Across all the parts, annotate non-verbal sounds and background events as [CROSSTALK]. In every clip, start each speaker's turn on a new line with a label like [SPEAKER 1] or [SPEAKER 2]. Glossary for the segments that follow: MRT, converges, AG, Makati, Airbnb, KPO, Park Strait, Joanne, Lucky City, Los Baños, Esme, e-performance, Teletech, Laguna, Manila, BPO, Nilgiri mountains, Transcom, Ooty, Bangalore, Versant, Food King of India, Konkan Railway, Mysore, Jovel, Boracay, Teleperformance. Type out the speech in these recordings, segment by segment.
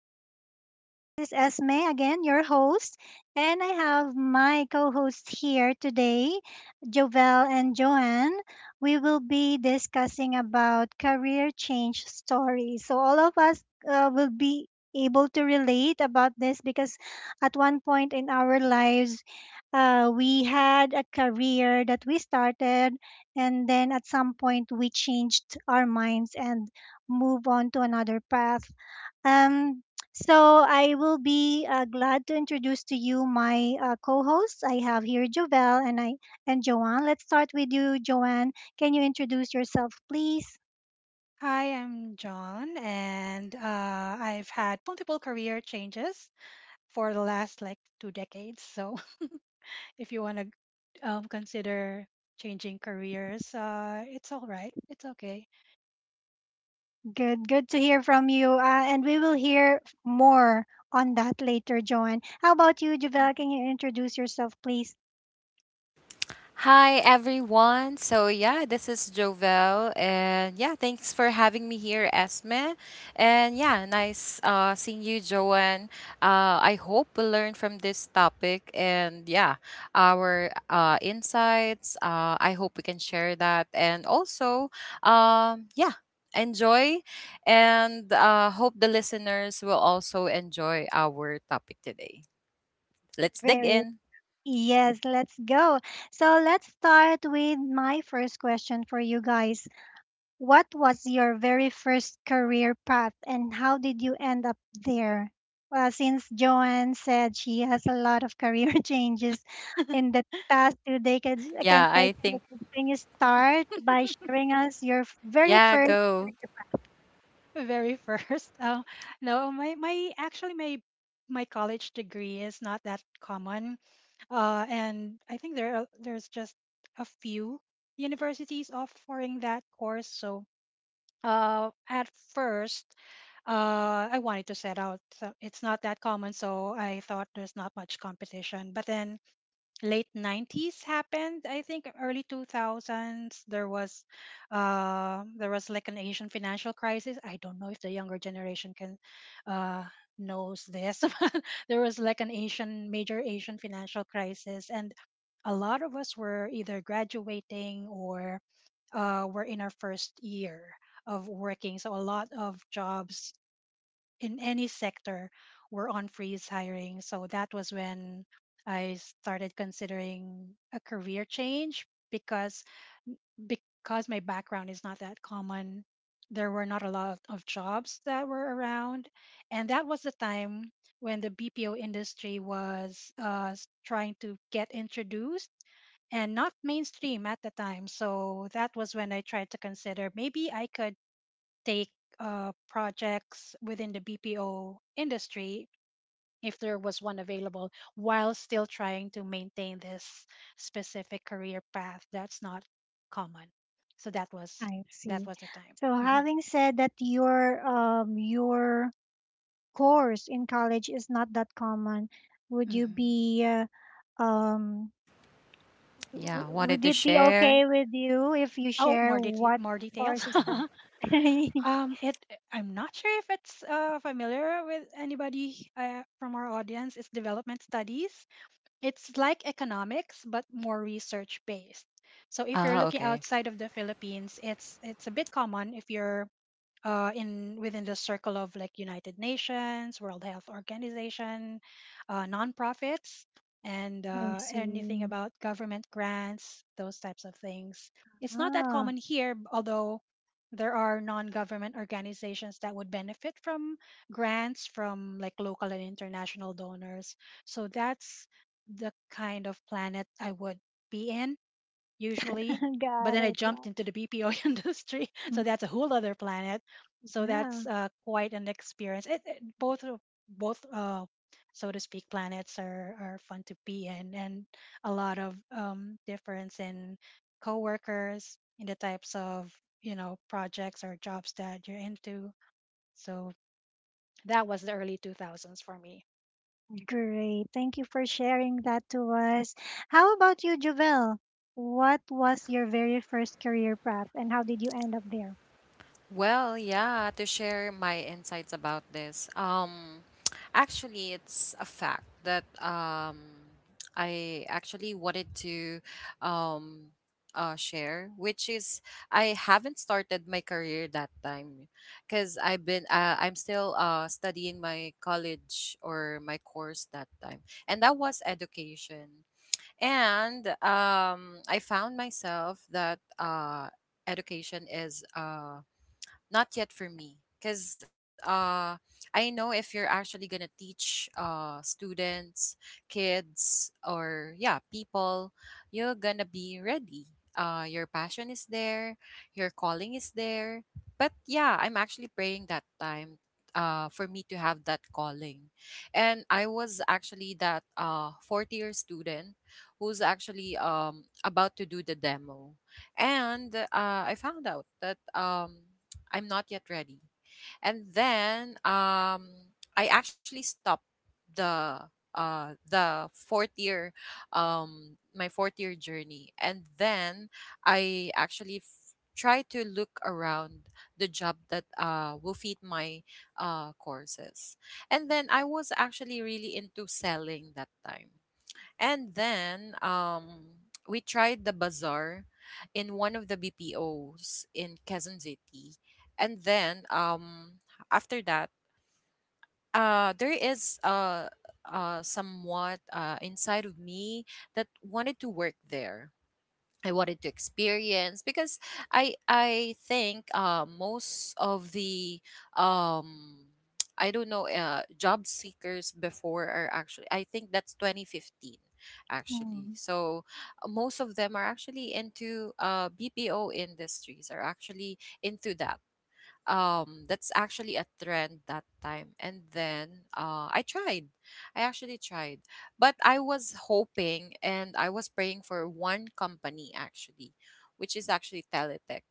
[SPEAKER 1] session. This is Esme again, your host, and I have my co-host here today, Jovel and Joanne. We will be discussing about career change stories. So all of us will be able to relate about this because at one point in our lives we had a career that we started and then at some point we changed our minds and move on to another path. Um, so I will be glad to introduce to you my co-hosts. I have here Jovel and I and Joanne. Let's start with you, Joanne. Can you introduce yourself, please?
[SPEAKER 2] Hi, I'm John, and I've had multiple career changes for the last like two decades. So, [LAUGHS] if you want to consider changing careers, it's all right. It's okay.
[SPEAKER 1] Good, good to hear from you. And we will hear more on that later, Joanne. How about you,
[SPEAKER 2] Mhm.
[SPEAKER 1] Jovel? Can you introduce yourself, please?
[SPEAKER 3] Hi everyone. So, this is Jovel and yeah, thanks for having me here, Esme. And yeah, nice seeing you, Joanne. I hope we learn from this topic and yeah, our insights. I hope we can share that and also yeah, enjoy and hope the listeners will also enjoy our topic today. Let's dig
[SPEAKER 1] Very
[SPEAKER 3] in.
[SPEAKER 1] yes, let's go. So let's start with my first question for you guys. What was your very first career path and how did you end up there? Well, since Joanne said she has a lot of career [LAUGHS] changes in
[SPEAKER 2] [LAUGHS]
[SPEAKER 1] the past two decades, I can
[SPEAKER 3] Yeah,
[SPEAKER 1] take
[SPEAKER 3] I think
[SPEAKER 1] decades. Can you start by sharing us your very
[SPEAKER 3] yeah,
[SPEAKER 1] first
[SPEAKER 3] go.
[SPEAKER 1] career?
[SPEAKER 2] Very first, no, my actually my my college degree is not that common, and I think there's just a few universities offering that course. So at first, I wanted to set out. So it's not that common, so I thought there's not much competition. But then late 90s happened. I think early 2000s there was like an Asian financial crisis. I don't know if the younger generation can uh, knows this. [LAUGHS] But there was like an Asian major Asian financial crisis, and a lot of us were either graduating or we're in our first year of working. So a lot of jobs in any sector were on freeze hiring. So that was when I started considering a career change because my background is not that common. There were not a lot of jobs that were around, and that was the time when the BPO industry was trying to get introduced and not mainstream at the time. So that was when I tried to consider maybe I could take projects within the BPO industry if there was one available, while still trying to maintain this specific career path that's not common. So that was
[SPEAKER 1] I see.
[SPEAKER 2] the time.
[SPEAKER 1] So
[SPEAKER 2] Mhm.
[SPEAKER 1] having said that your your course in college is not that common, would you
[SPEAKER 2] Mhm.
[SPEAKER 1] be um W-
[SPEAKER 3] Yeah,
[SPEAKER 1] would
[SPEAKER 3] wanted to
[SPEAKER 1] it be
[SPEAKER 3] share.
[SPEAKER 1] okay with you if you
[SPEAKER 2] Oh, more
[SPEAKER 1] share what
[SPEAKER 2] more details.
[SPEAKER 1] course is that?
[SPEAKER 2] [LAUGHS]
[SPEAKER 1] [LAUGHS]
[SPEAKER 2] It I'm not sure if it's familiar with anybody from our audience. It's development studies. It's like economics, but more research based. So if you're
[SPEAKER 3] Ah,
[SPEAKER 2] looking
[SPEAKER 3] okay.
[SPEAKER 2] outside of the Philippines, it's a bit common if you're in within the circle of like United Nations, World Health Organization, nonprofits, and
[SPEAKER 1] I
[SPEAKER 2] anything
[SPEAKER 1] see.
[SPEAKER 2] about government grants, those types of things. It's not that
[SPEAKER 1] Ah,
[SPEAKER 2] common here, although there are non-government organizations that would benefit from grants from like local and international donors. So that's the kind of planet I would be in usually.
[SPEAKER 1] [LAUGHS]
[SPEAKER 2] But
[SPEAKER 1] got
[SPEAKER 2] then I
[SPEAKER 1] it,
[SPEAKER 2] jumped
[SPEAKER 1] got
[SPEAKER 2] into the BPO [LAUGHS] industry,
[SPEAKER 1] it.
[SPEAKER 2] so
[SPEAKER 1] Mm,
[SPEAKER 2] that's a whole other planet. So
[SPEAKER 1] yeah,
[SPEAKER 2] that's quite an experience. Both so to speak planets are fun to be in, and a lot of difference in coworkers, in the types of you know projects or jobs that you're into. So that was the early 2000s for me.
[SPEAKER 1] great. Thank you for sharing that to us. How about you, Javel? What was your very first career path and how did you end up there?
[SPEAKER 3] Well, yeah, to share my insights about this. [TSK] Actually, it's a fact that I actually wanted to um, share, which is I haven't started my career that time because I'm still studying my college or my course that time, and that was education. And I found myself that education is not yet for me, because I know if you're actually gonna teach students, kids, or yeah, people, you're gonna be ready. Your passion is there, your calling is there. But yeah, I'm actually praying that time for me to have that calling. And I was actually that fourth year student who's actually about to do the demo. And I found out that I'm not yet ready. And then I actually stopped the the fourth year, my fourth year journey. And then I actually try to look around the job that will fit my courses. And then I was actually really into selling that time. And then we tried the bazaar in one of the BPOs in Quezon City. And then after that, there is somewhat inside of me that wanted to work there. I wanted to experience because I think most of the um [TSK] I don't know, job seekers before are actually, I think that's 2015 actually.
[SPEAKER 1] Mm,
[SPEAKER 3] So most of them are actually into BPO industries, are actually into that, that's actually a trend that time. And then I actually tried, but I was hoping and I was praying for one company actually, which is actually Teletech.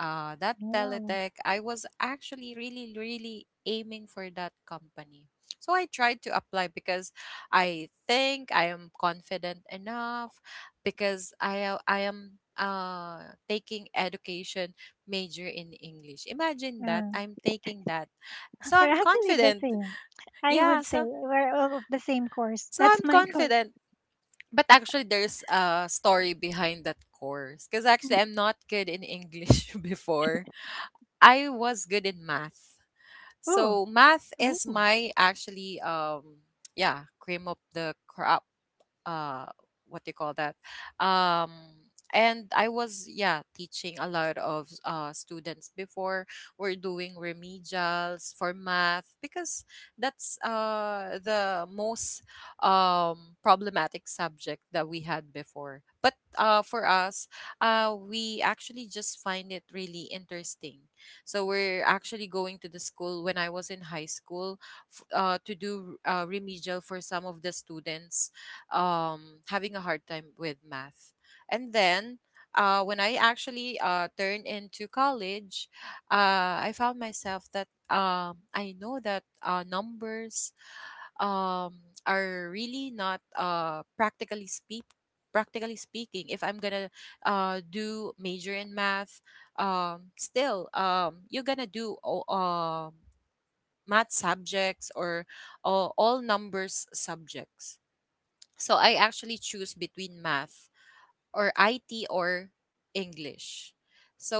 [SPEAKER 3] That
[SPEAKER 1] yeah,
[SPEAKER 3] teletech I was actually really really aiming for that company. So I tried to apply because I think I am confident enough because I am taking education major in English. Imagine that
[SPEAKER 1] yeah.
[SPEAKER 3] I'm taking that.
[SPEAKER 1] [LAUGHS]
[SPEAKER 3] So
[SPEAKER 1] We're
[SPEAKER 3] I'm
[SPEAKER 1] actually the
[SPEAKER 3] confident.
[SPEAKER 1] same. I would
[SPEAKER 3] Yeah,
[SPEAKER 1] say
[SPEAKER 3] so
[SPEAKER 1] we're all of the same course. That's
[SPEAKER 3] I'm
[SPEAKER 1] my [LAUGHS] course.
[SPEAKER 3] confident. But actually there's a story behind that course because
[SPEAKER 1] Mm,
[SPEAKER 3] actually I'm not good in English [LAUGHS] before. I was good in math.
[SPEAKER 1] oh,
[SPEAKER 3] So math
[SPEAKER 2] Ooh.
[SPEAKER 3] is
[SPEAKER 2] [LAUGHS]
[SPEAKER 3] my actually yeah, cream of the crop. uh what do you call that? um and I was yeah teaching a lot of students before. We're doing remedials for math because that's the most problematic subject that we had before. But for us, we actually just find it really interesting. So we're actually going to the school when I was in high school, to do remedial for some of the students having a hard time with math. And then when I actually turned into college, I found myself that I know that numbers um are really not practically speaking. If I'm gonna do major in math, still you're gonna do math subjects or all numbers subjects. So I actually choose between math or IT or English.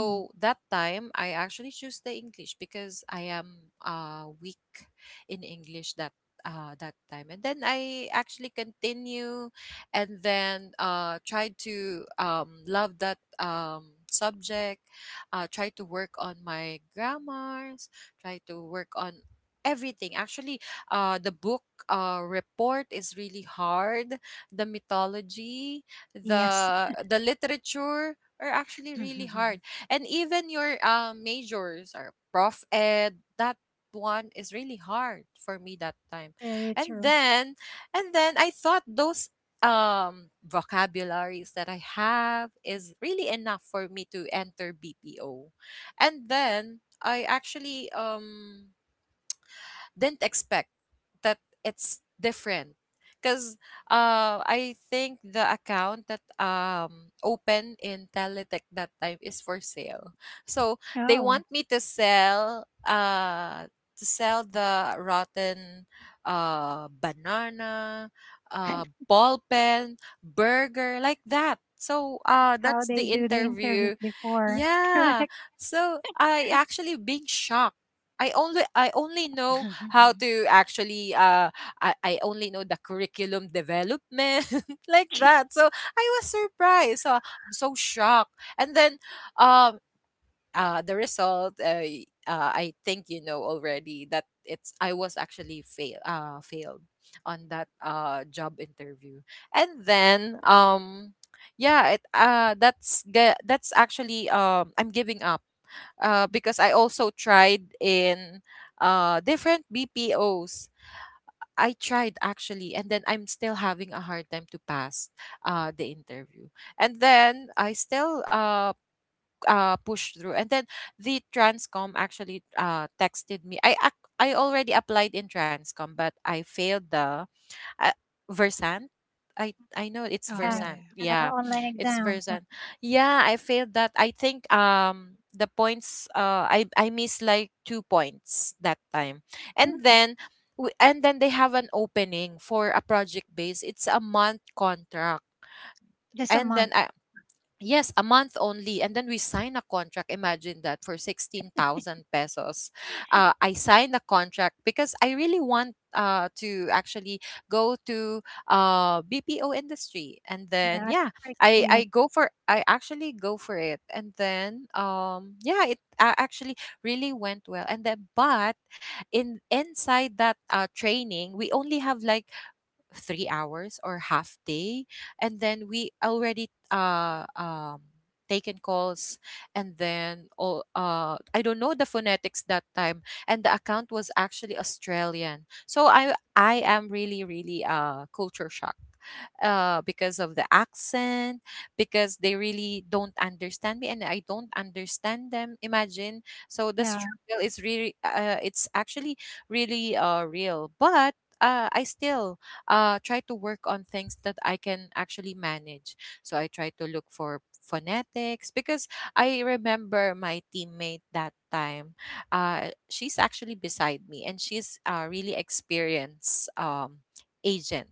[SPEAKER 1] mm,
[SPEAKER 3] that time I actually choose the English because I am weak in English that that time. And then I actually continue, and then tried to love that subject, try to work on my grammars, try to work on everything. Actually, the book report is really hard. The mythology,
[SPEAKER 1] yes,
[SPEAKER 3] the literature are actually really hard, and even your majors are prof ed, that one is really hard for me that time.
[SPEAKER 1] very
[SPEAKER 3] and
[SPEAKER 1] true.
[SPEAKER 3] then and then I thought those vocabularies that I have is really enough for me to enter BPO. And then I actually didn't expect that it's different because I think the account that opened in Teletech that time is for sale. So they
[SPEAKER 1] Oh,
[SPEAKER 3] want me to sell, the rotten banana,
[SPEAKER 1] [LAUGHS]
[SPEAKER 3] ball pen, burger like that. So
[SPEAKER 1] how
[SPEAKER 3] that's
[SPEAKER 1] they
[SPEAKER 3] the
[SPEAKER 1] do the interviews
[SPEAKER 3] interview.
[SPEAKER 1] before. [LAUGHS]
[SPEAKER 3] Yeah.
[SPEAKER 1] Correct.
[SPEAKER 3] So I actually being shocked. I only know how to actually I only know the curriculum development [LAUGHS] like that. So I was surprised. So I'm so shocked. And then um the result, I think you know already that it's, I was actually failed on that job interview. And then yeah, it that's that's actually I'm giving up because I also tried in different BPOs. I tried actually, and then I'm still having a hard time to pass the interview. And then I still pushed through. And then the Transcom actually texted me. I already applied in Transcom, but I failed the uh, Versant. I know it's
[SPEAKER 2] Oh
[SPEAKER 1] Yeah,
[SPEAKER 2] yeah.
[SPEAKER 3] Versant.
[SPEAKER 2] Yeah.
[SPEAKER 1] the
[SPEAKER 3] Yeah,
[SPEAKER 1] online
[SPEAKER 2] Mhm.
[SPEAKER 3] it's
[SPEAKER 1] exam. Yeah.
[SPEAKER 3] Versant. Yeah, I failed that. I think the points, I missed like 2 points that time, and
[SPEAKER 1] [CLEARS THROAT]
[SPEAKER 3] then. And then they have an opening for a project base. It's a month contract,
[SPEAKER 1] Just a
[SPEAKER 3] and then
[SPEAKER 1] month.
[SPEAKER 3] I, yes, a month only. And then we sign a contract. Imagine that for 16,000 pesos. I signed a contract because I really want to actually go to BPO industry. And
[SPEAKER 1] Yeah,
[SPEAKER 3] then,
[SPEAKER 1] that's
[SPEAKER 3] yeah,
[SPEAKER 1] for experience.
[SPEAKER 3] I actually go for it. And then, yeah, it actually really went well. And then, but in inside that training, we only have like 3 hours or half day, and then we already taken calls. And then all, I don't know the phonetics that time, and the account was actually Australian, so I am really really culture shock, because of the accent, because they really don't understand me and I don't understand them. Imagine. So the
[SPEAKER 1] Yeah,
[SPEAKER 3] struggle is really, it's actually really real. But I still try to work on things that I can actually manage. So I try to look for phonetics because I remember my teammate that time. She's actually beside me, and she's a really experienced agent.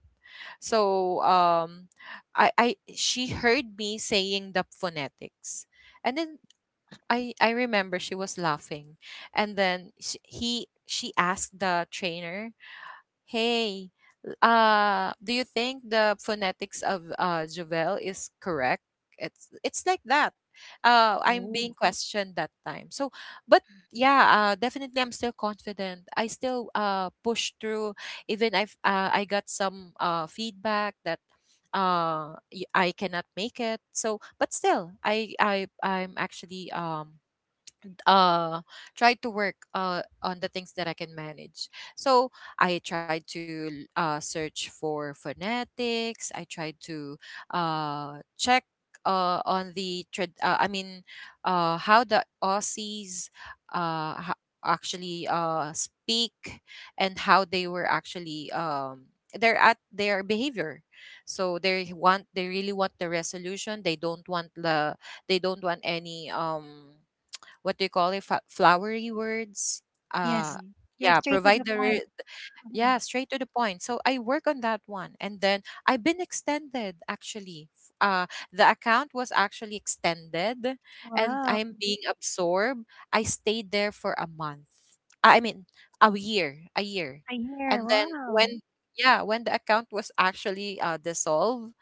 [SPEAKER 3] So I she heard me saying the phonetics, and then I remember she was laughing, and then she asked the trainer, Hey, do you think the phonetics of Jovel is correct? It's like that. I'm being
[SPEAKER 2] Ooh.
[SPEAKER 3] questioned that time. So, but yeah, definitely I'm still confident. I still push through. Even I got some feedback that I cannot make it. So, but still, I'm actually uh try to work on the things that I can manage. So I tried to search for phonetics. I tried to check I mean how the Aussies actually speak, and how they were actually they're at their behavior. So they want, they really want the resolution, they don't want they don't want any what do you call it? Flowery words, uh
[SPEAKER 1] yes. They're
[SPEAKER 3] yeah,
[SPEAKER 1] straight to the point.
[SPEAKER 3] yeah,
[SPEAKER 1] Mhm.
[SPEAKER 3] straight to the point. So I work on that one, and then I've been extended actually, the account was actually extended, and
[SPEAKER 1] Wow,
[SPEAKER 3] I'm being absorbed. I stayed there for a month, I mean a year, a year.
[SPEAKER 1] a year.
[SPEAKER 3] And then
[SPEAKER 1] Wow.
[SPEAKER 3] when, yeah, when the account was actually dissolved,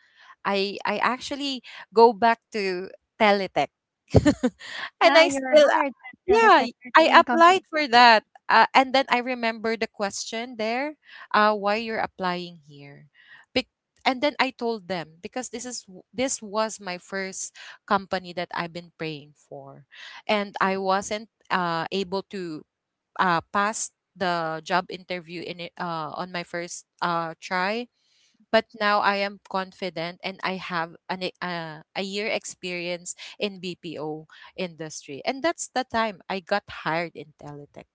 [SPEAKER 3] I actually go back to Teletech. [LAUGHS] And
[SPEAKER 1] Ah,
[SPEAKER 3] I
[SPEAKER 1] you're
[SPEAKER 3] still,
[SPEAKER 1] hired at
[SPEAKER 3] yeah,
[SPEAKER 1] Teletech, your
[SPEAKER 3] I
[SPEAKER 1] dream
[SPEAKER 3] applied
[SPEAKER 1] company.
[SPEAKER 3] for that. And then I remember the question there, why you're applying here. Bec- and then I told them because this is this was my first company that I've been praying for, and I wasn't able to pass the job interview in it, on my first try. But now I am confident and I have a year experience in BPO industry. And that's the time I got hired in Teletech.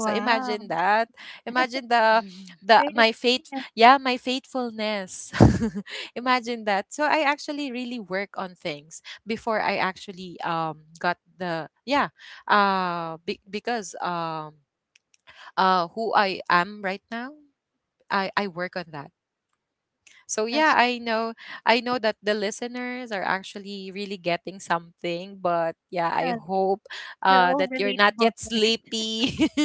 [SPEAKER 3] So imagine that. Imagine the
[SPEAKER 1] great.
[SPEAKER 3] my faith, yeah, my faithfulness. [LAUGHS] Imagine that. So I actually really work on things before I actually got the, yeah, because who I am right now, I work on that. So yeah,
[SPEAKER 1] That's,
[SPEAKER 3] I know, I know that the listeners are actually really getting something. But yeah, I
[SPEAKER 1] yeah,
[SPEAKER 3] hope
[SPEAKER 1] they're all
[SPEAKER 3] that you're not
[SPEAKER 1] relatable.
[SPEAKER 3] yet sleepy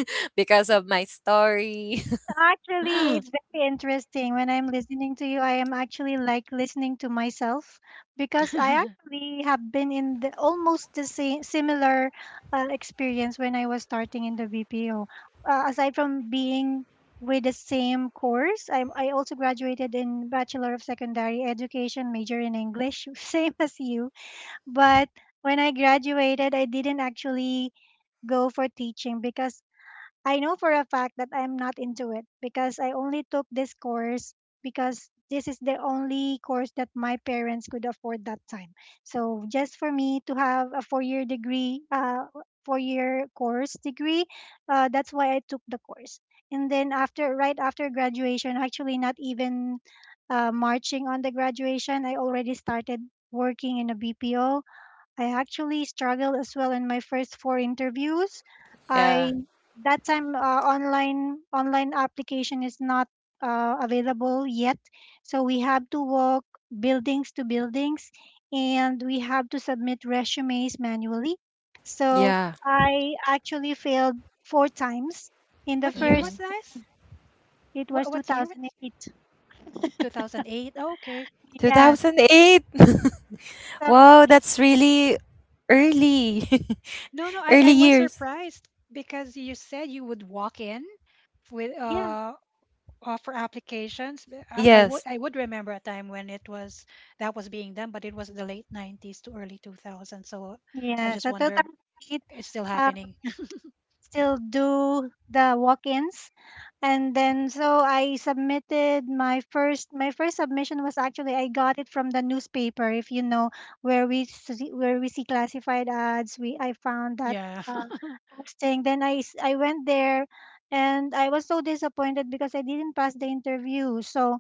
[SPEAKER 3] [LAUGHS] because of my story.
[SPEAKER 1] Actually, it's
[SPEAKER 3] [LAUGHS]
[SPEAKER 1] very interesting. When I'm listening to you, I am actually like listening to myself because I
[SPEAKER 2] Hmm. [LAUGHS]
[SPEAKER 1] actually have been in the almost the same similar experience when I was starting in the BPO. Aside from being with the same course, I also graduated in Bachelor of Secondary Education, major in English, [LAUGHS] same as you. But when I graduated, I didn't actually go for teaching because I know for a fact that I'm not into it because I only took this course because this is the only course that my parents could afford that time. So just for me to have a four-year degree, four-year course degree, that's why I took the course. And then after, right after graduation, actually not even marching on the graduation, I already started working in a BPO. I actually struggled as well in my first four interviews.
[SPEAKER 3] Yeah.
[SPEAKER 1] I that time Online application is not available yet, so we have to walk buildings to buildings, and we have to submit resumes manually. So
[SPEAKER 3] Yeah.
[SPEAKER 1] I actually failed four times. In the
[SPEAKER 2] What year
[SPEAKER 1] first,
[SPEAKER 2] was
[SPEAKER 3] hmm
[SPEAKER 2] this?
[SPEAKER 1] it was
[SPEAKER 2] What year?
[SPEAKER 1] 2008.
[SPEAKER 2] 2008. Oh, okay.
[SPEAKER 1] Yeah.
[SPEAKER 3] 2008. [LAUGHS]
[SPEAKER 1] So
[SPEAKER 3] Wow, that's really
[SPEAKER 1] I, s-
[SPEAKER 3] early.
[SPEAKER 2] No, no,
[SPEAKER 3] [LAUGHS] Early
[SPEAKER 2] I was
[SPEAKER 3] years.
[SPEAKER 2] surprised because you said you would walk in with
[SPEAKER 1] yeah.
[SPEAKER 2] offer applications. But
[SPEAKER 3] Yes.
[SPEAKER 2] I would remember a time when it was that was being done, but it was the late 90s to early 2000. So I
[SPEAKER 1] Yeah.
[SPEAKER 2] just
[SPEAKER 1] So
[SPEAKER 2] wondered
[SPEAKER 1] 2008.
[SPEAKER 2] it's still happening.
[SPEAKER 1] Still do the walk-ins. And then so I submitted my first, my first submission was actually, I got it from the newspaper. If you know where we see classified ads, we, I found
[SPEAKER 2] [LAUGHS]
[SPEAKER 1] that
[SPEAKER 2] Yeah.
[SPEAKER 1] uh,
[SPEAKER 2] [LAUGHS]
[SPEAKER 1] posting. Then I went there and I was so disappointed because I didn't pass the interview. So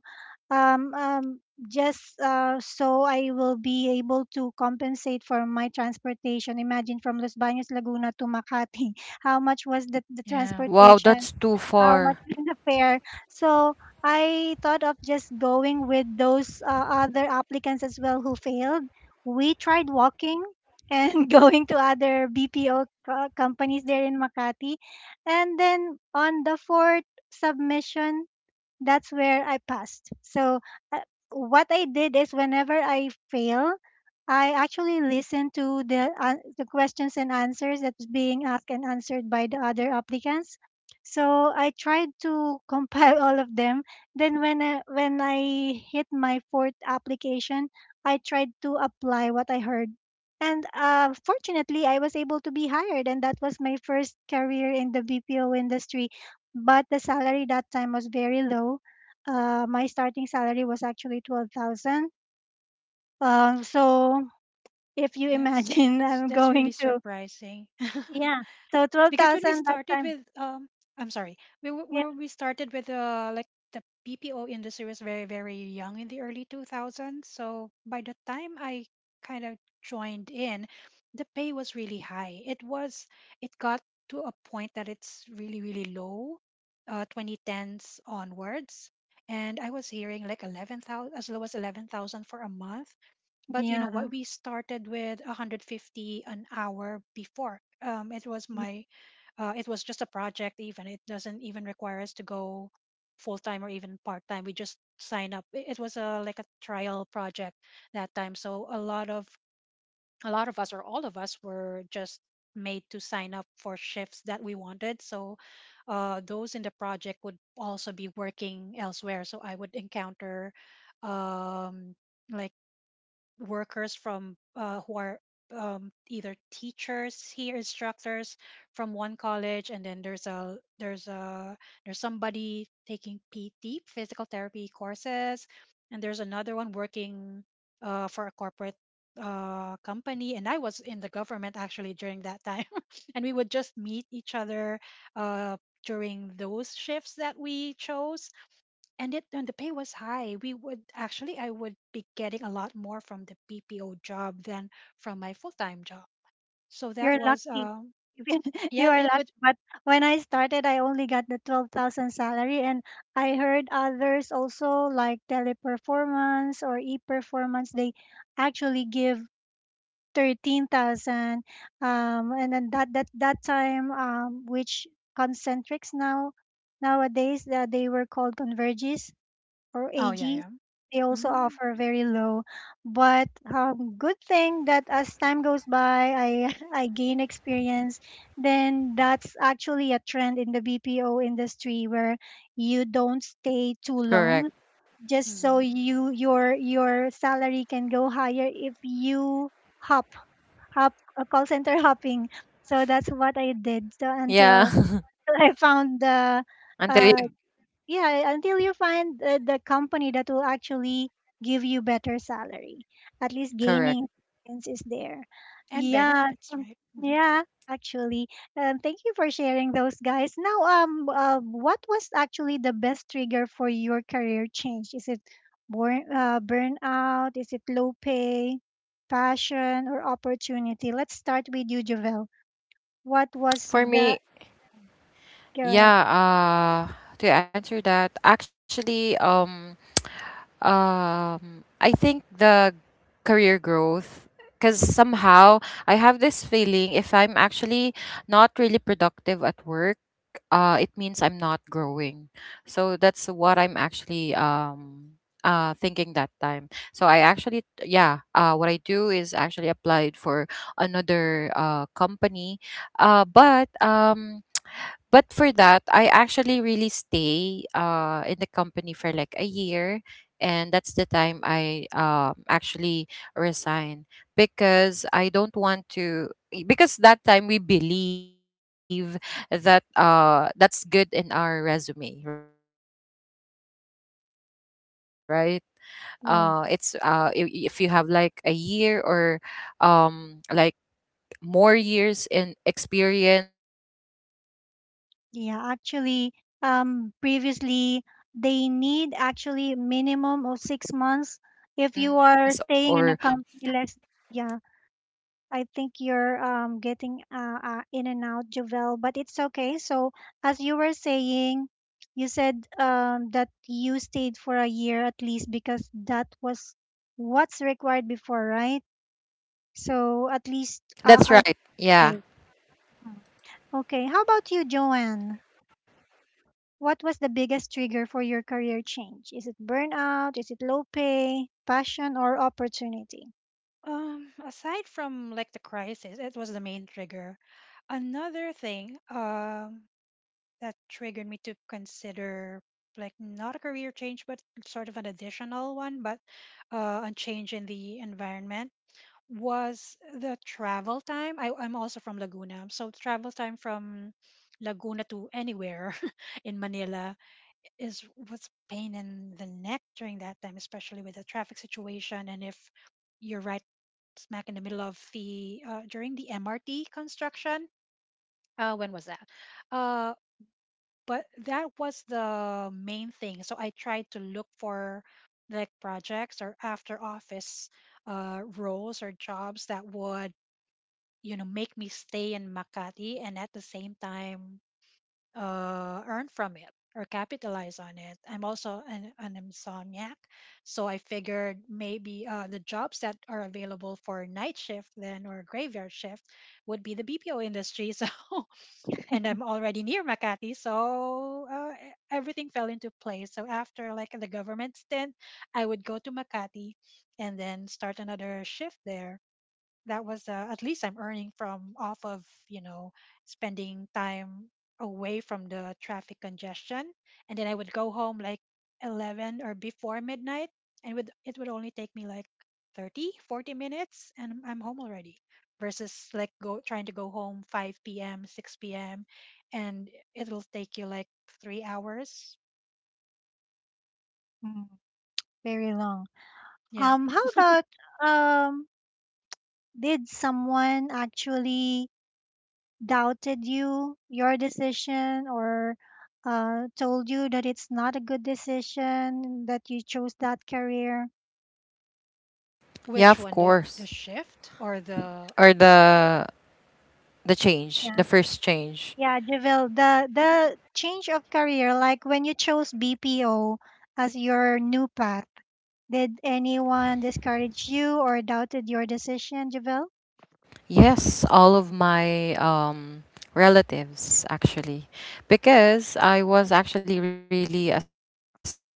[SPEAKER 1] um, um, just so I will be able to compensate for my transportation. Imagine from Los Baños, Laguna to Makati, how much was the
[SPEAKER 2] Yeah.
[SPEAKER 3] Wow,
[SPEAKER 1] transportation,
[SPEAKER 3] that's too
[SPEAKER 1] how much
[SPEAKER 3] far.
[SPEAKER 1] was the fare. So I thought of just going with those other applicants as well who failed. We tried walking and [LAUGHS] going to other companies there in Makati. And then on the fourth submission, that's where I passed. So uh, what I did is whenever I fail, I actually listen to the questions and answers that's being asked and answered by the other applicants. So I tried to [LAUGHS] compile all of them. Then when I hit my fourth application, I tried to apply what I heard. And fortunately, I was able to be hired, and that was my first career in the BPO industry. But the salary that time was very low. My starting salary was actually 12,000. So if you
[SPEAKER 2] That's
[SPEAKER 1] imagine [LAUGHS]
[SPEAKER 2] that's
[SPEAKER 1] I'm
[SPEAKER 2] that's really
[SPEAKER 1] going to,
[SPEAKER 2] surprising. [LAUGHS]
[SPEAKER 1] yeah, so
[SPEAKER 2] Because when we
[SPEAKER 1] 12,000 that
[SPEAKER 2] started
[SPEAKER 1] time.
[SPEAKER 2] with I'm sorry we, w-
[SPEAKER 1] Yeah,
[SPEAKER 2] when we started with like the PPO industry was very very young in the early 2000s, so by the time I kind of joined in the pay was really high. It was it got to a point that it's really really low 2010s onwards, and I was hearing like 11,000, as low as 11,000 for a month. But you know
[SPEAKER 1] yeah,
[SPEAKER 2] what? We started with 150 an hour before.
[SPEAKER 1] yeah.
[SPEAKER 2] It was just a project. Even it doesn't even require us to go full time or even part time. We just sign up. It was a like a trial project that time. So a lot of us or all of us were just made to sign up for shifts that we wanted. So those in the project would also be working elsewhere. So I would encounter um, like workers from who are either teachers here, instructors from one college, and then there's somebody taking PT physical therapy courses, and there's another
[SPEAKER 3] Yeah.
[SPEAKER 2] one working for a corporate company, and I was in the government actually during that time, [LAUGHS] and we would just meet each other uh, during those shifts that we chose. And it and the pay was high. We would actually, I would be getting a lot more from the bpo job than from my full-time job. So that
[SPEAKER 1] You're
[SPEAKER 2] was
[SPEAKER 1] lucky. [LAUGHS] If you, you
[SPEAKER 2] yeah
[SPEAKER 1] are
[SPEAKER 2] it would.
[SPEAKER 1] lucky. But when I started, I only got the 12,000 salary. And I heard others also like Teleperformance or e-performance. They actually give 13,000. Um and then that that that time, which concentrics now nowadays that they were called converges or
[SPEAKER 2] Oh yeah
[SPEAKER 1] AG,
[SPEAKER 2] yeah.
[SPEAKER 1] they also offer very low. But good thing that as time goes by, I [LAUGHS] I gain experience. Then that's actually a trend in the BPO industry where you don't stay too
[SPEAKER 3] Correct.
[SPEAKER 1] long just so
[SPEAKER 2] Mm-hmm.
[SPEAKER 1] you, your salary can go higher if you hop hop call center [LAUGHS] hopping. So that's what I did. So
[SPEAKER 3] Yeah.
[SPEAKER 1] until [LAUGHS] I found the
[SPEAKER 3] [LAUGHS] Until
[SPEAKER 1] uh,
[SPEAKER 3] you,
[SPEAKER 1] yeah, until you find the company that will actually give you better salary. At least gaining
[SPEAKER 3] correct.
[SPEAKER 1] experience is there.
[SPEAKER 2] And
[SPEAKER 1] Yeah,
[SPEAKER 2] benefits
[SPEAKER 1] so,
[SPEAKER 2] right. Hmm.
[SPEAKER 1] yeah. Actually, thank you for sharing those, guys. Now what was actually the best trigger for your career change? Is it born burnout? Is it low pay, passion, or opportunity? Let's start with you, Javel. What was
[SPEAKER 3] For
[SPEAKER 1] the,
[SPEAKER 3] me,
[SPEAKER 1] go ahead.
[SPEAKER 3] Yeah, to answer that, actually, I think the career growth, because somehow I have this feeling if I'm actually not really productive at work, it means I'm not growing. So that's what I'm actually thinking that time. So I actually, what I do is actually applied for another company, uh, but um but for that I actually really stay in the company for like a year, and that's the time I actually resign, because I don't want to because that time we believe that that's good in our resume, right? If you have like a year or
[SPEAKER 1] Yeah.
[SPEAKER 3] like more years in experience or more years stay in the company is actually really
[SPEAKER 1] Yeah,
[SPEAKER 3] a good
[SPEAKER 1] actually,
[SPEAKER 3] impression.
[SPEAKER 1] previously they need actually minimum of six months. If you are staying in
[SPEAKER 3] Correct,
[SPEAKER 1] a
[SPEAKER 3] yeah.
[SPEAKER 1] company less, yeah, I think you're getting in and out, Jovel, but it's okay. So as you were saying, you said that you stayed for a year at least because that was what's required before, right? So at least
[SPEAKER 3] That's
[SPEAKER 1] I
[SPEAKER 3] right, yeah.
[SPEAKER 1] stay. Mhm. Okay, how about you, Joanne? What was the biggest trigger for your career change? Is it burnout? Is it low pay, passion, or opportunity?
[SPEAKER 2] Aside from like the crisis, it was the main trigger. Another thing that triggered me to consider like not a career change but sort of an additional one, but a change in the environment was the travel time. I'm also from Laguna. So travel time from Laguna to anywhere [LAUGHS] in Manila is what's pain in the neck during that time, especially with the traffic situation. And if you're right smack in the middle of the during the MRT construction, when was that? Uh, but that was the main thing. So I tried to look for like projects or after office roles or jobs that would you know make me stay in Makati, and at the same time earn from it or capitalize on it. I'm also an insomniac, so I figured maybe the jobs that are available for night shift then or graveyard shift would be the BPO industry. So [LAUGHS] and I'm already near Makati, so everything fell into place. So after like the government stint, I would go to Makati and then start another shift there. That was at least I'm earning from off of you know spending time away from the traffic congestion, and then I would go home like 11 or before midnight, and would it would only take me like 30, 40 minutes, and I'm home already. Versus like go trying to go home 5 p.m., 6 p.m., and it'll take you like 3 hours.
[SPEAKER 1] Hmm, very long.
[SPEAKER 2] Yeah,
[SPEAKER 1] How about um, did someone actually doubted you, your decision, or told you that it's not a good decision that you chose that career?
[SPEAKER 3] Yeah,
[SPEAKER 2] which
[SPEAKER 3] of
[SPEAKER 2] one, the
[SPEAKER 3] course.
[SPEAKER 2] shift or the?
[SPEAKER 3] Or the change,
[SPEAKER 1] Yeah.
[SPEAKER 3] the first change.
[SPEAKER 1] Yeah, Javil, the change of career, like when you chose BPO as your new path, did anyone discourage you or doubted your decision, Javil?
[SPEAKER 3] Yes, all of my relatives, actually, because I was actually really a sponsor child,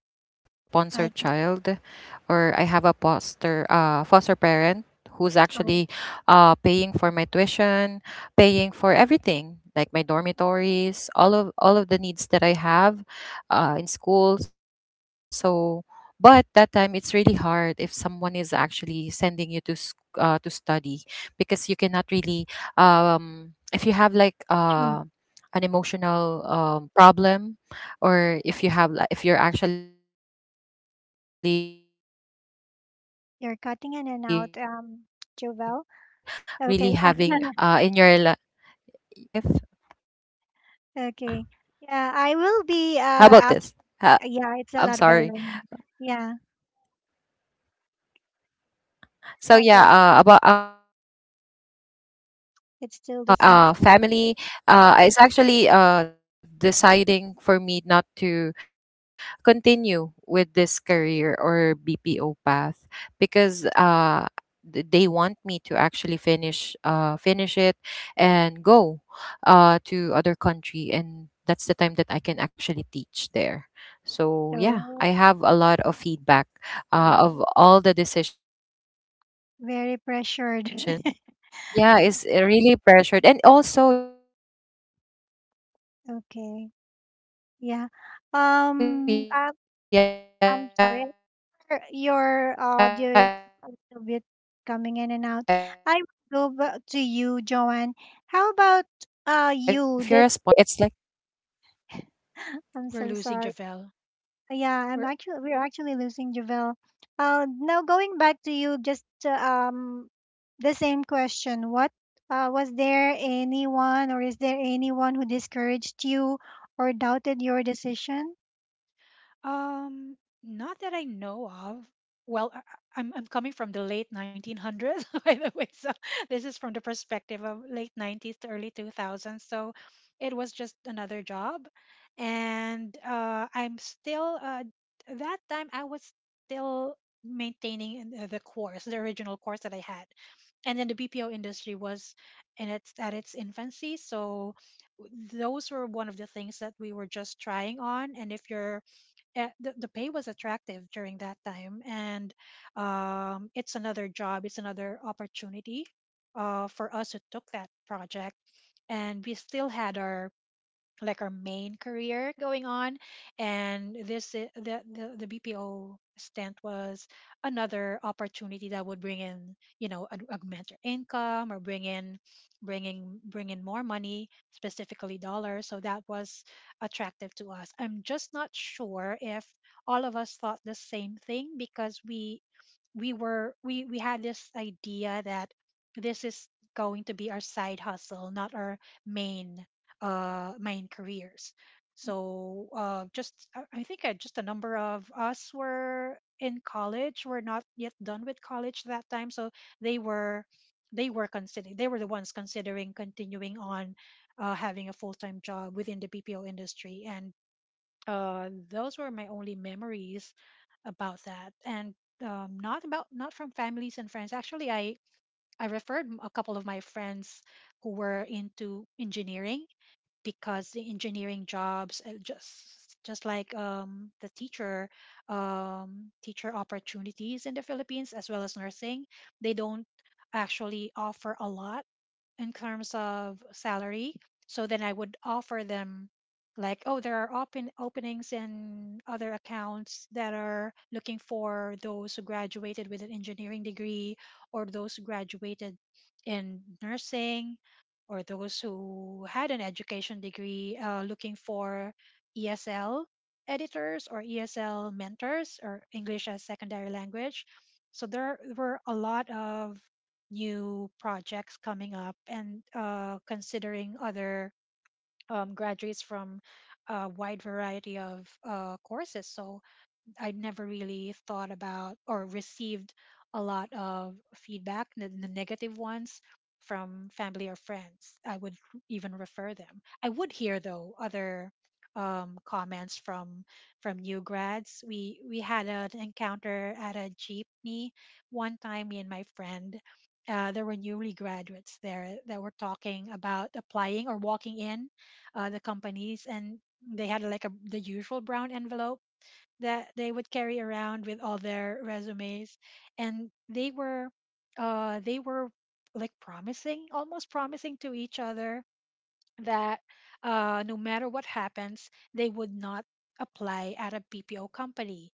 [SPEAKER 3] or I have a
[SPEAKER 1] I think
[SPEAKER 3] foster foster parent who's actually paying for my
[SPEAKER 1] so.
[SPEAKER 3] tuition, paying for everything, like my dormitories, all of the needs that I have in school. So, but that time it's really hard if someone is actually sending you to to study, because you cannot really if you have
[SPEAKER 1] True.
[SPEAKER 3] like an emotional problem, or if you have if you're actually really having
[SPEAKER 1] You're cutting in and out,
[SPEAKER 3] this kind of
[SPEAKER 1] Javil.
[SPEAKER 3] seasons
[SPEAKER 1] Okay. [LAUGHS]
[SPEAKER 3] uh in your li- seasons in life.
[SPEAKER 1] Okay. Yeah, I will be
[SPEAKER 3] How about
[SPEAKER 1] ask,
[SPEAKER 3] this? Ha-
[SPEAKER 1] yeah, it's a
[SPEAKER 3] i'm
[SPEAKER 1] lot better
[SPEAKER 3] sorry
[SPEAKER 1] now. Yeah,
[SPEAKER 3] So
[SPEAKER 1] okay.
[SPEAKER 3] yeah, about upon and also checking if
[SPEAKER 1] It's still the same.
[SPEAKER 3] my family is actually deciding for me not to continue with this career or BPO path, because they want me to actually finish it and go to other country, and that's the time that I can actually teach there. So yeah,
[SPEAKER 1] So
[SPEAKER 3] I have a lot of feedback of all the decisions that I've made
[SPEAKER 1] very
[SPEAKER 3] because being a
[SPEAKER 1] pressured.
[SPEAKER 3] sponsored
[SPEAKER 1] [LAUGHS]
[SPEAKER 3] child, yeah, it's
[SPEAKER 2] [LAUGHS]
[SPEAKER 3] really pressured. And also, yeah, if you're a sponsor child, you're really,
[SPEAKER 1] Okay.
[SPEAKER 3] really pressured. And all
[SPEAKER 1] Yeah.
[SPEAKER 3] of the, it's like,
[SPEAKER 1] Um, I, I'm sorry. Your audio is a little bit coming in and out. I will go back to you, Joanne. How about you? Did, [GASPS] [LAUGHS] I'm
[SPEAKER 2] We're
[SPEAKER 1] so
[SPEAKER 2] losing
[SPEAKER 1] sorry.
[SPEAKER 2] Javel.
[SPEAKER 1] Yeah, I'm
[SPEAKER 2] We're
[SPEAKER 1] actually we're actually losing Javel. Now going back to you, just um the same question. What was there anyone, or is there anyone who discouraged you or doubted your decision?
[SPEAKER 2] Um, not that I know of. Well, I'm coming from the late 1900s, [LAUGHS] by the way, so this is from the perspective of late 90s to early 2000s. So it was just another job, and I'm still that time I was still maintaining the course, the original course that I had, and then the BPO industry was in its at its infancy, so those were one of the things that we were just trying on, and if you're the pay was attractive during that time, and it's another job, it's another opportunity for us who took that project, and we still had our like our main career going on. And this I- the bpo stint was another opportunity that would bring in you know augment your income, or bring in more money, specifically dollars. So that was attractive to us. I'm just not sure if all of us thought the same thing, because we were we had this idea that this is going to be our side hustle, not our main mine careers. So just I think just a number of us were in college. We're not yet done with college that time, so they were they were considering, they were the ones considering continuing on having a full time job within the BPO industry, and those were my only memories about that. And not about, not from families and friends. Actually, I referred a couple of my friends who were into engineering, because the engineering jobs just like the teacher teacher opportunities in the Philippines, as well as nursing, they don't actually offer a lot in terms of salary. So then I would offer them like, oh, there are openings in other accounts that are looking for those who graduated with an engineering degree, or those who graduated in nursing, or those who had an education degree looking for ESL editors or ESL mentors or English as secondary language. So there were a lot of new projects coming up and considering other graduates from a wide variety of courses. So I'd never really thought about or received a lot of feedback, the negative ones, from family or friends. I would even refer them. I would hear though other comments from new grads. We had an encounter at a jeepney one time. Me and my friend. There were newly graduates there that were talking about applying or walking in, the companies, and they had like a the usual brown envelope that they would carry around with all their resumes, and they were uh they were like promising, almost promising to each other that, no matter what happens, they would not apply at a BPO company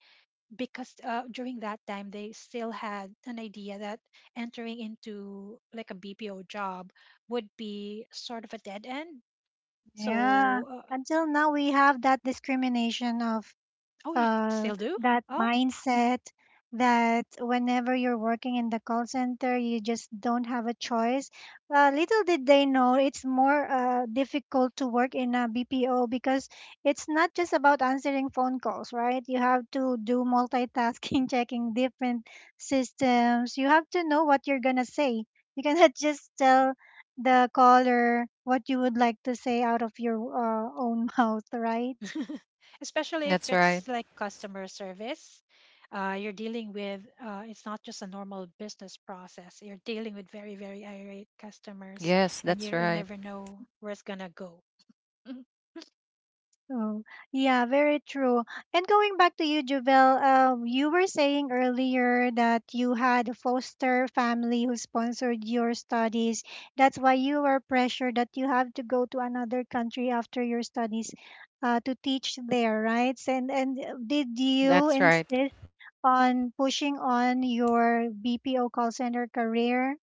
[SPEAKER 2] because, during that time they still had an idea that entering into like a BPO job would be sort of a dead end,
[SPEAKER 1] Yeah.
[SPEAKER 2] so
[SPEAKER 1] Until now, we have that discrimination of
[SPEAKER 2] oh, you
[SPEAKER 1] uh,
[SPEAKER 2] still do.
[SPEAKER 1] that
[SPEAKER 2] Oh.
[SPEAKER 1] mindset that whenever you're working in the call center, you just don't have a choice. Little did they know it's more difficult to work in a BPO because it's not just about answering phone calls, right? You have to do multitasking, [LAUGHS] checking different systems. You have to know what you're going to say. You cannot [LAUGHS] just tell the caller what you would like to say out of your own [LAUGHS] mouth, right?
[SPEAKER 2] [LAUGHS] Especially if it's like customer
[SPEAKER 3] that's right.
[SPEAKER 2] service, you're dealing with, it's not just a normal business process. You're dealing with very, very irate customers, and you'll never know where
[SPEAKER 3] Yes,
[SPEAKER 2] it's going to
[SPEAKER 3] that's
[SPEAKER 2] go.
[SPEAKER 3] right.
[SPEAKER 2] [LAUGHS]
[SPEAKER 1] Oh, yeah, very true. And going back to you, Juvel, you were saying earlier that you had a foster family who sponsored your studies. That's why you were pressured that you have to go to another country after your studies, to teach there, right? And did you insist
[SPEAKER 3] That's right.
[SPEAKER 1] on pushing on your BPO call center career?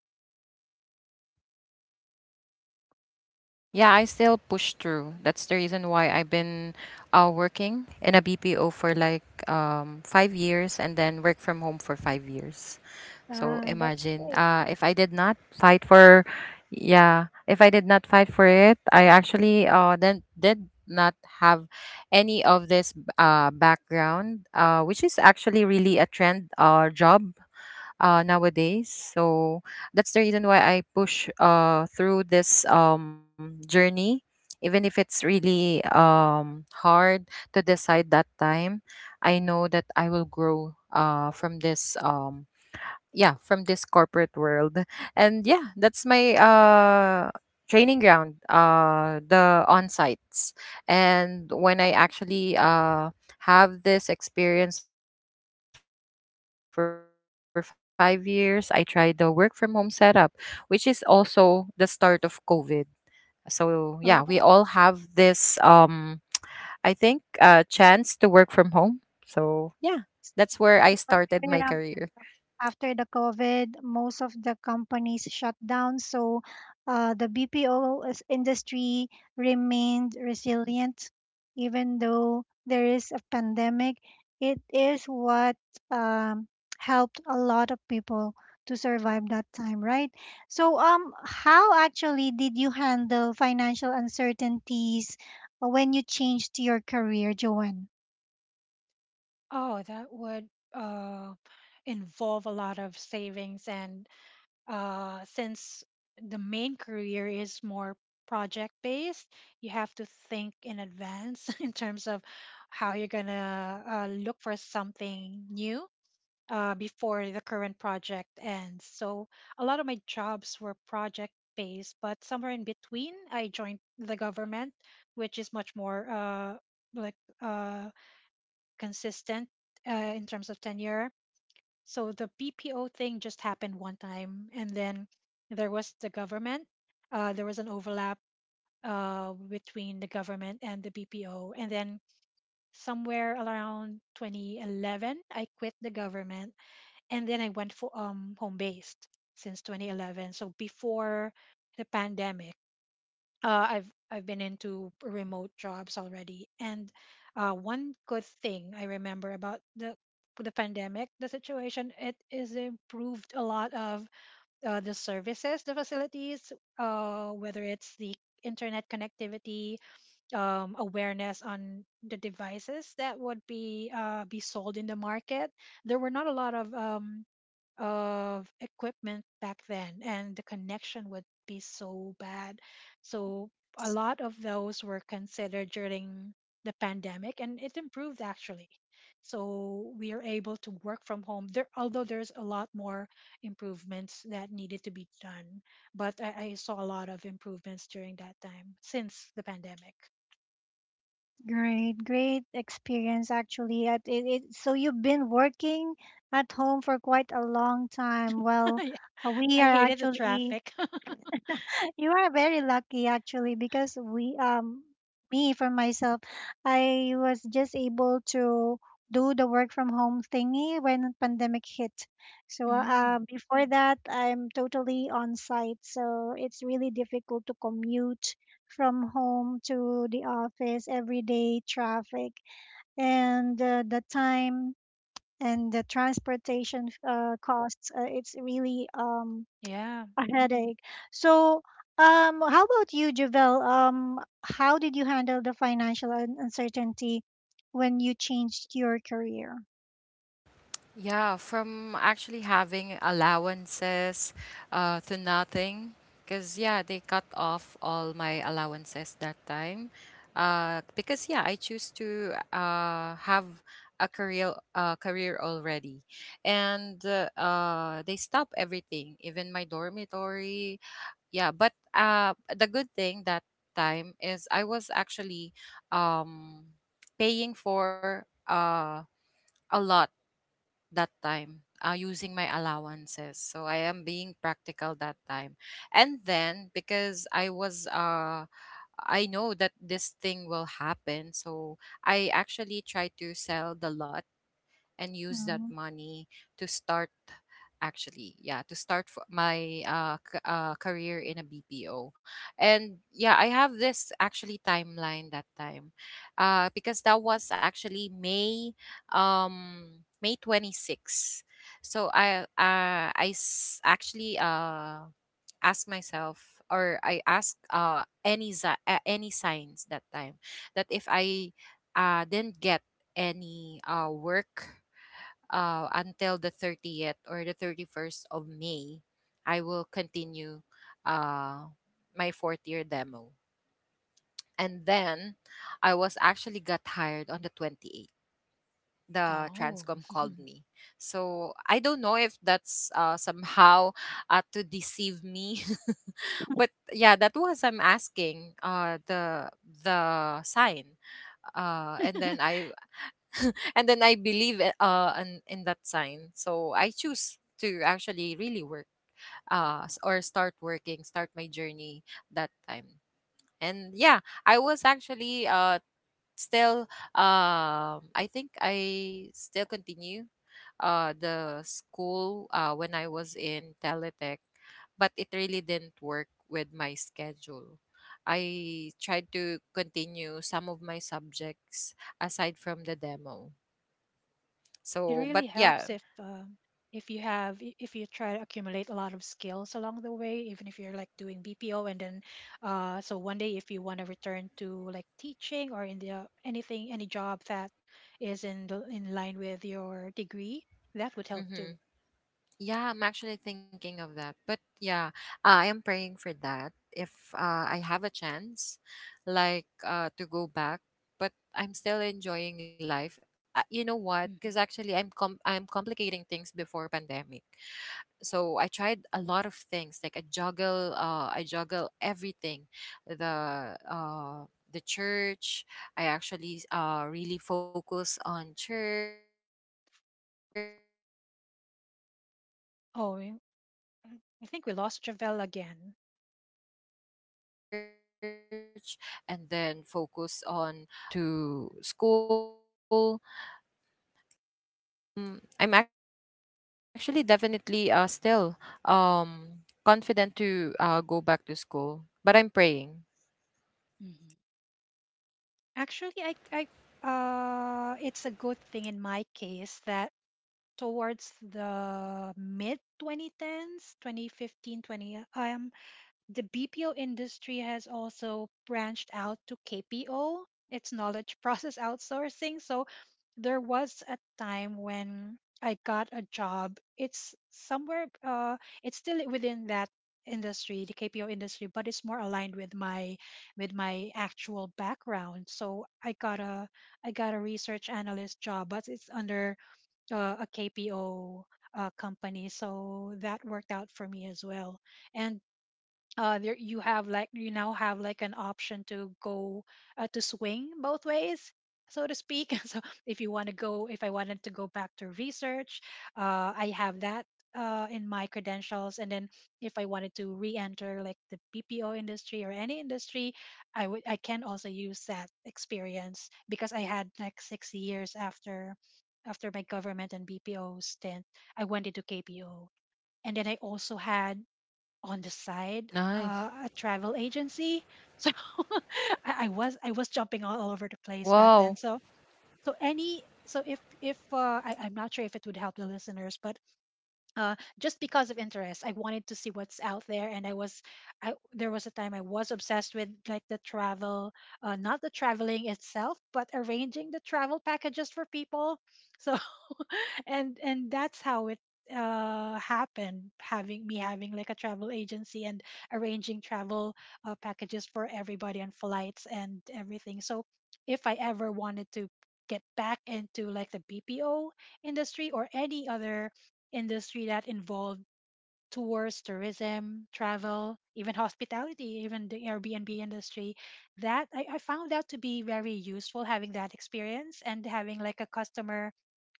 [SPEAKER 3] Yeah, I still push through. That's the reason why I've been working in a BPO for like 5 years, and then work from home for 5 years. So
[SPEAKER 1] Ah, that's
[SPEAKER 3] imagine
[SPEAKER 1] great.
[SPEAKER 3] if I did not fight for, yeah, if I did not fight for it, I actually then did not have any of this background, which is actually really a trend job nowadays. So that's the reason why I push through this journey. Even if it's really hard to decide that time, I know that I will grow from this yeah from this corporate world. And yeah, that's my training ground, the on sites. And when I actually have this experience for 5 years, I tried the work from home setup, which is also the start of covid. So yeah, we all have this
[SPEAKER 1] So,
[SPEAKER 3] I think chance to work from home. So yeah, that's where I started my career.
[SPEAKER 1] after the COVID, most of the companies shut down. So the industry remained resilient, even though there is a pandemic. It is what um, helped a lot of people to survive that time, right? So, how actually did you handle financial uncertainties when you changed your career, Joanne?
[SPEAKER 2] Oh, that would uh, involve a lot of savings. And since the main career is more project based, you have to think in advance [LAUGHS] in terms of how you're going to look for something new. Before the current project ends. So, a lot of my jobs were project based, but somewhere in between, I joined the government, which is much more like uh, consistent in terms of tenure. So the BPO thing just happened one time, and then there was the government. There was an overlap between the government and the BPO, and then somewhere around 2011, I quit the government, and then I went for home based since 2011. So before the pandemic, I've been into remote jobs already, and one good thing I remember about the pandemic, the situation, it is improved a lot of the services, the facilities, whether it's the internet connectivity, awareness on the devices that would be sold in the market. There were not a lot of equipment back then, and the connection would be so bad, so a lot of those were considered during the pandemic, and it improved actually, so we are able to work from home there, although there's a lot more improvements that needed to be done, but I saw a lot of improvements during that time since the pandemic.
[SPEAKER 1] Great, great experience actually. So you've been working at home for quite a long time.
[SPEAKER 2] [LAUGHS]
[SPEAKER 1] Well,
[SPEAKER 2] Yeah.
[SPEAKER 1] we
[SPEAKER 2] I
[SPEAKER 1] are
[SPEAKER 2] hated the
[SPEAKER 1] actually,
[SPEAKER 2] traffic.
[SPEAKER 1] [LAUGHS] you are very lucky actually because we me, for myself, I was just able to do the work from home thingy when pandemic hit.
[SPEAKER 2] [LAUGHS]
[SPEAKER 1] So
[SPEAKER 2] Mm.
[SPEAKER 1] before that, I'm totally on site. So it's really difficult to commute from home to the office every day, traffic and the time and the transportation costs, it's really
[SPEAKER 2] Yeah.
[SPEAKER 1] a headache. So how about you, Javel, how did you handle the uncertainty when you changed your career?
[SPEAKER 3] Yeah, from actually having allowances to nothing. Because, yeah, they cut off all my allowances that time. Because, yeah, I choose to have a career already. And they stop everything, even my dormitory. Yeah, but the good thing that time is I was actually um, paying for a lot that time using my allowances. So I am being practical that time. And then because I was, I know that this thing will happen. So I actually tried to sell the lot and use that
[SPEAKER 1] Mm,
[SPEAKER 3] money to start, actually, yeah, to start my career in a BPO. And yeah, I have this actually timeline that time because that was actually May 26. So actually asked myself, or I asked any signs that time, that if I didn't get any work until the 30th or the 31st of May, I will continue uh, my fourth year demo. And then I was actually got hired on the 28th. The
[SPEAKER 2] Oh.
[SPEAKER 3] Transcom called me. So I don't know if that's somehow to deceive me. [LAUGHS] But yeah, that was I'm asking the sign. Uh, and then
[SPEAKER 2] [LAUGHS]
[SPEAKER 3] I and then I believe in that sign. So I choose to actually really work or start working, start my journey that time. And yeah, I was actually still I think I still continue the school when I was in Teletech, but it really didn't work with my schedule. I tried to continue some of my subjects aside from the demo.
[SPEAKER 2] It really
[SPEAKER 3] So, but
[SPEAKER 2] helps if,
[SPEAKER 3] yeah,
[SPEAKER 2] if you have if you try to accumulate a lot of skills along the way, even if you're like doing BPO, and then, so one day, if you want to return to like teaching or in the, anything, any job that is in in line with your degree, that would help too.
[SPEAKER 3] hmm, yeah, I'm actually thinking of that. But yeah, I am praying for that if I have a chance, like to go back. But I'm still enjoying life.
[SPEAKER 2] Hmm.
[SPEAKER 3] You know what? Because actually, I'm complicating things before pandemic. So I tried a lot of things. Like I juggle everything, the uh, the church. I actually really focus on church, and then focus on
[SPEAKER 2] Oh, i
[SPEAKER 3] career
[SPEAKER 2] I think we
[SPEAKER 3] growth.
[SPEAKER 2] lost Javel
[SPEAKER 3] Yeah,
[SPEAKER 2] again.
[SPEAKER 3] all the things I actually juggle, and then I go to school. Mm, I'm actually definitely still um, confident to go back to school, but I'm praying.
[SPEAKER 2] Hmm. Actually, it's a good thing in my case that towards the mid 2010s, 2015, 20, 15, 20, the BPO industry has also branched out to KPO, its knowledge [LAUGHS] process outsourcing. So there was a time when I got a job. It's somewhere, it's still within that industry, the KPO industry, but it's more aligned with my actual background. So I got a research analyst job, but it's under, a KPO company. So that worked out for me as well. And, there you have like, you now have like an option to go, to swing both ways, so to speak. [LAUGHS] So, if you want to go if I wanted to go back to research, I have that, in my credentials, and then if I wanted to re-enter like the BPO industry or any industry, I can also use that experience because I had like 6 years, after my government and BPO stint, I went into KPO, and then I also had on the side, a travel agency. So
[SPEAKER 3] Nice.
[SPEAKER 2] [LAUGHS] I was jumping all over the place back then. So, so any so if
[SPEAKER 3] Wow.
[SPEAKER 2] I'm not sure if it would help the listeners, but, just because of interest, I wanted to see what's out there, and I was I there was a time I was obsessed with like the travel, not the traveling itself, but arranging the travel packages for people. So [LAUGHS] and that's how it happened, having me having like a travel agency and arranging travel, packages for everybody, and flights, and everything. So if I ever wanted to get back into like the BPO industry, or any other industry that involved tours, tourism, travel, even hospitality, even the Airbnb industry. That I found that to be very useful, having that experience and having like a customer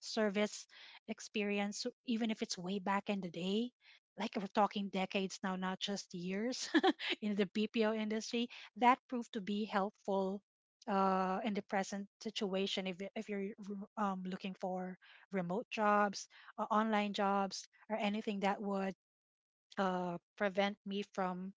[SPEAKER 2] service experience. So even if it's way back in the day. Like we're talking decades now, not just years, [LAUGHS] in the BPO industry. That proved to be helpful in the present situation, if, if you're, looking for remote jobs, or online jobs, or anything that would, prevent me from,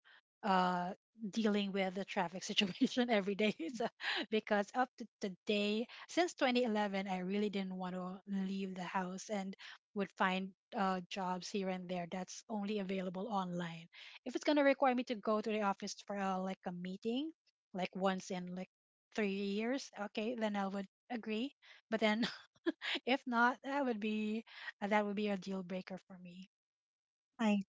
[SPEAKER 2] uh, dealing with the traffic situation [LAUGHS] every day. [LAUGHS] So, because up to the day since 2011, I really didn't want to leave the house, and would find, jobs here and there that's only available online. If it's gonna require me to go to the office for, like a meeting, like once in like 3 years, okay, then I would agree. But then, [LAUGHS] if not, that would be, a deal breaker for me.
[SPEAKER 1] I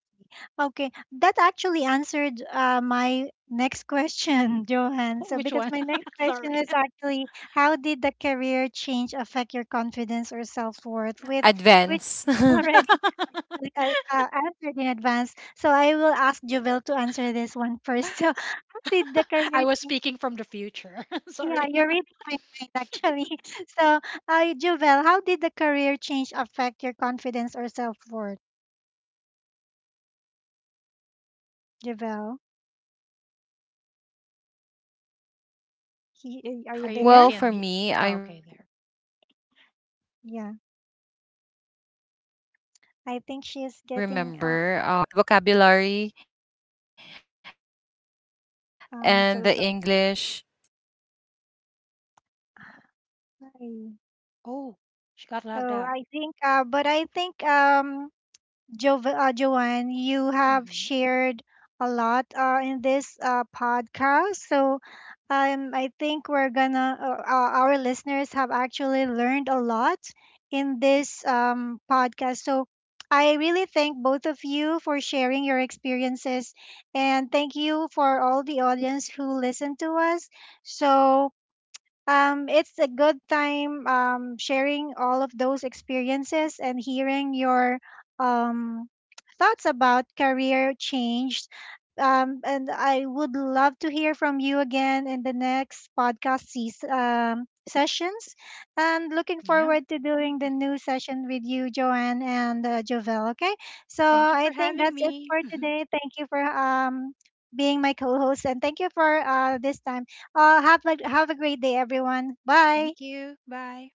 [SPEAKER 1] okay that actually answered my next question, [LAUGHS] Johan. So
[SPEAKER 2] Which
[SPEAKER 1] because
[SPEAKER 2] one?
[SPEAKER 1] my next
[SPEAKER 2] [LAUGHS]
[SPEAKER 1] question
[SPEAKER 2] Sorry.
[SPEAKER 1] is
[SPEAKER 2] [LAUGHS]
[SPEAKER 1] actually, how did the career change affect your confidence or self-worth? With which [LAUGHS] already
[SPEAKER 3] Advance.
[SPEAKER 1] actually
[SPEAKER 3] [LAUGHS]
[SPEAKER 1] answered in advance. So I will ask Jubel to answer this one first. [LAUGHS] So [LAUGHS] did the
[SPEAKER 2] I
[SPEAKER 1] career
[SPEAKER 2] was
[SPEAKER 1] change?
[SPEAKER 2] speaking from the future. [LAUGHS]
[SPEAKER 1] Yeah,
[SPEAKER 2] Sorry.
[SPEAKER 1] you're reading my mind actually. [LAUGHS] So, Jubel, how did the career change affect your confidence or self worth? Jubel, are
[SPEAKER 2] [LAUGHS]
[SPEAKER 1] you
[SPEAKER 2] Are you? Is
[SPEAKER 1] there?
[SPEAKER 3] Well,
[SPEAKER 2] she on
[SPEAKER 3] for
[SPEAKER 2] me?
[SPEAKER 3] me, I
[SPEAKER 2] Oh, okay, there.
[SPEAKER 3] remember, yeah, yeah, because
[SPEAKER 1] Yeah,
[SPEAKER 3] of the English,
[SPEAKER 1] I think she's
[SPEAKER 3] yeah.
[SPEAKER 1] getting
[SPEAKER 3] Hello, I'm here. So yeah, because of the yeah, the vocabulary
[SPEAKER 1] um
[SPEAKER 3] and
[SPEAKER 1] so
[SPEAKER 3] the English
[SPEAKER 1] sorry.
[SPEAKER 2] Oh, she got logged
[SPEAKER 1] Oh,
[SPEAKER 2] out.
[SPEAKER 1] I think but I think Jo- Joanne, you have
[SPEAKER 2] Hmm.
[SPEAKER 1] shared a lot in this podcast. So I think we're gonna, our listeners have actually learned a lot in this podcast. So I really thank both of you for sharing your experiences. And thank you for all the audience who listened to us. So it's a good time sharing all of those experiences and hearing your um, thoughts about career change. And I would love to hear from you again in the next podcast sessions. And looking
[SPEAKER 2] Yeah.
[SPEAKER 1] forward to doing the new session with you, Joanne and Jovel. Okay, so
[SPEAKER 2] Thank you for
[SPEAKER 1] I think
[SPEAKER 2] having
[SPEAKER 1] that's it
[SPEAKER 2] me.
[SPEAKER 1] for
[SPEAKER 2] [LAUGHS]
[SPEAKER 1] today. Thank you for being my co-host, and thank you for this time. Have a great day, everyone. Bye.
[SPEAKER 2] Thank you. Bye.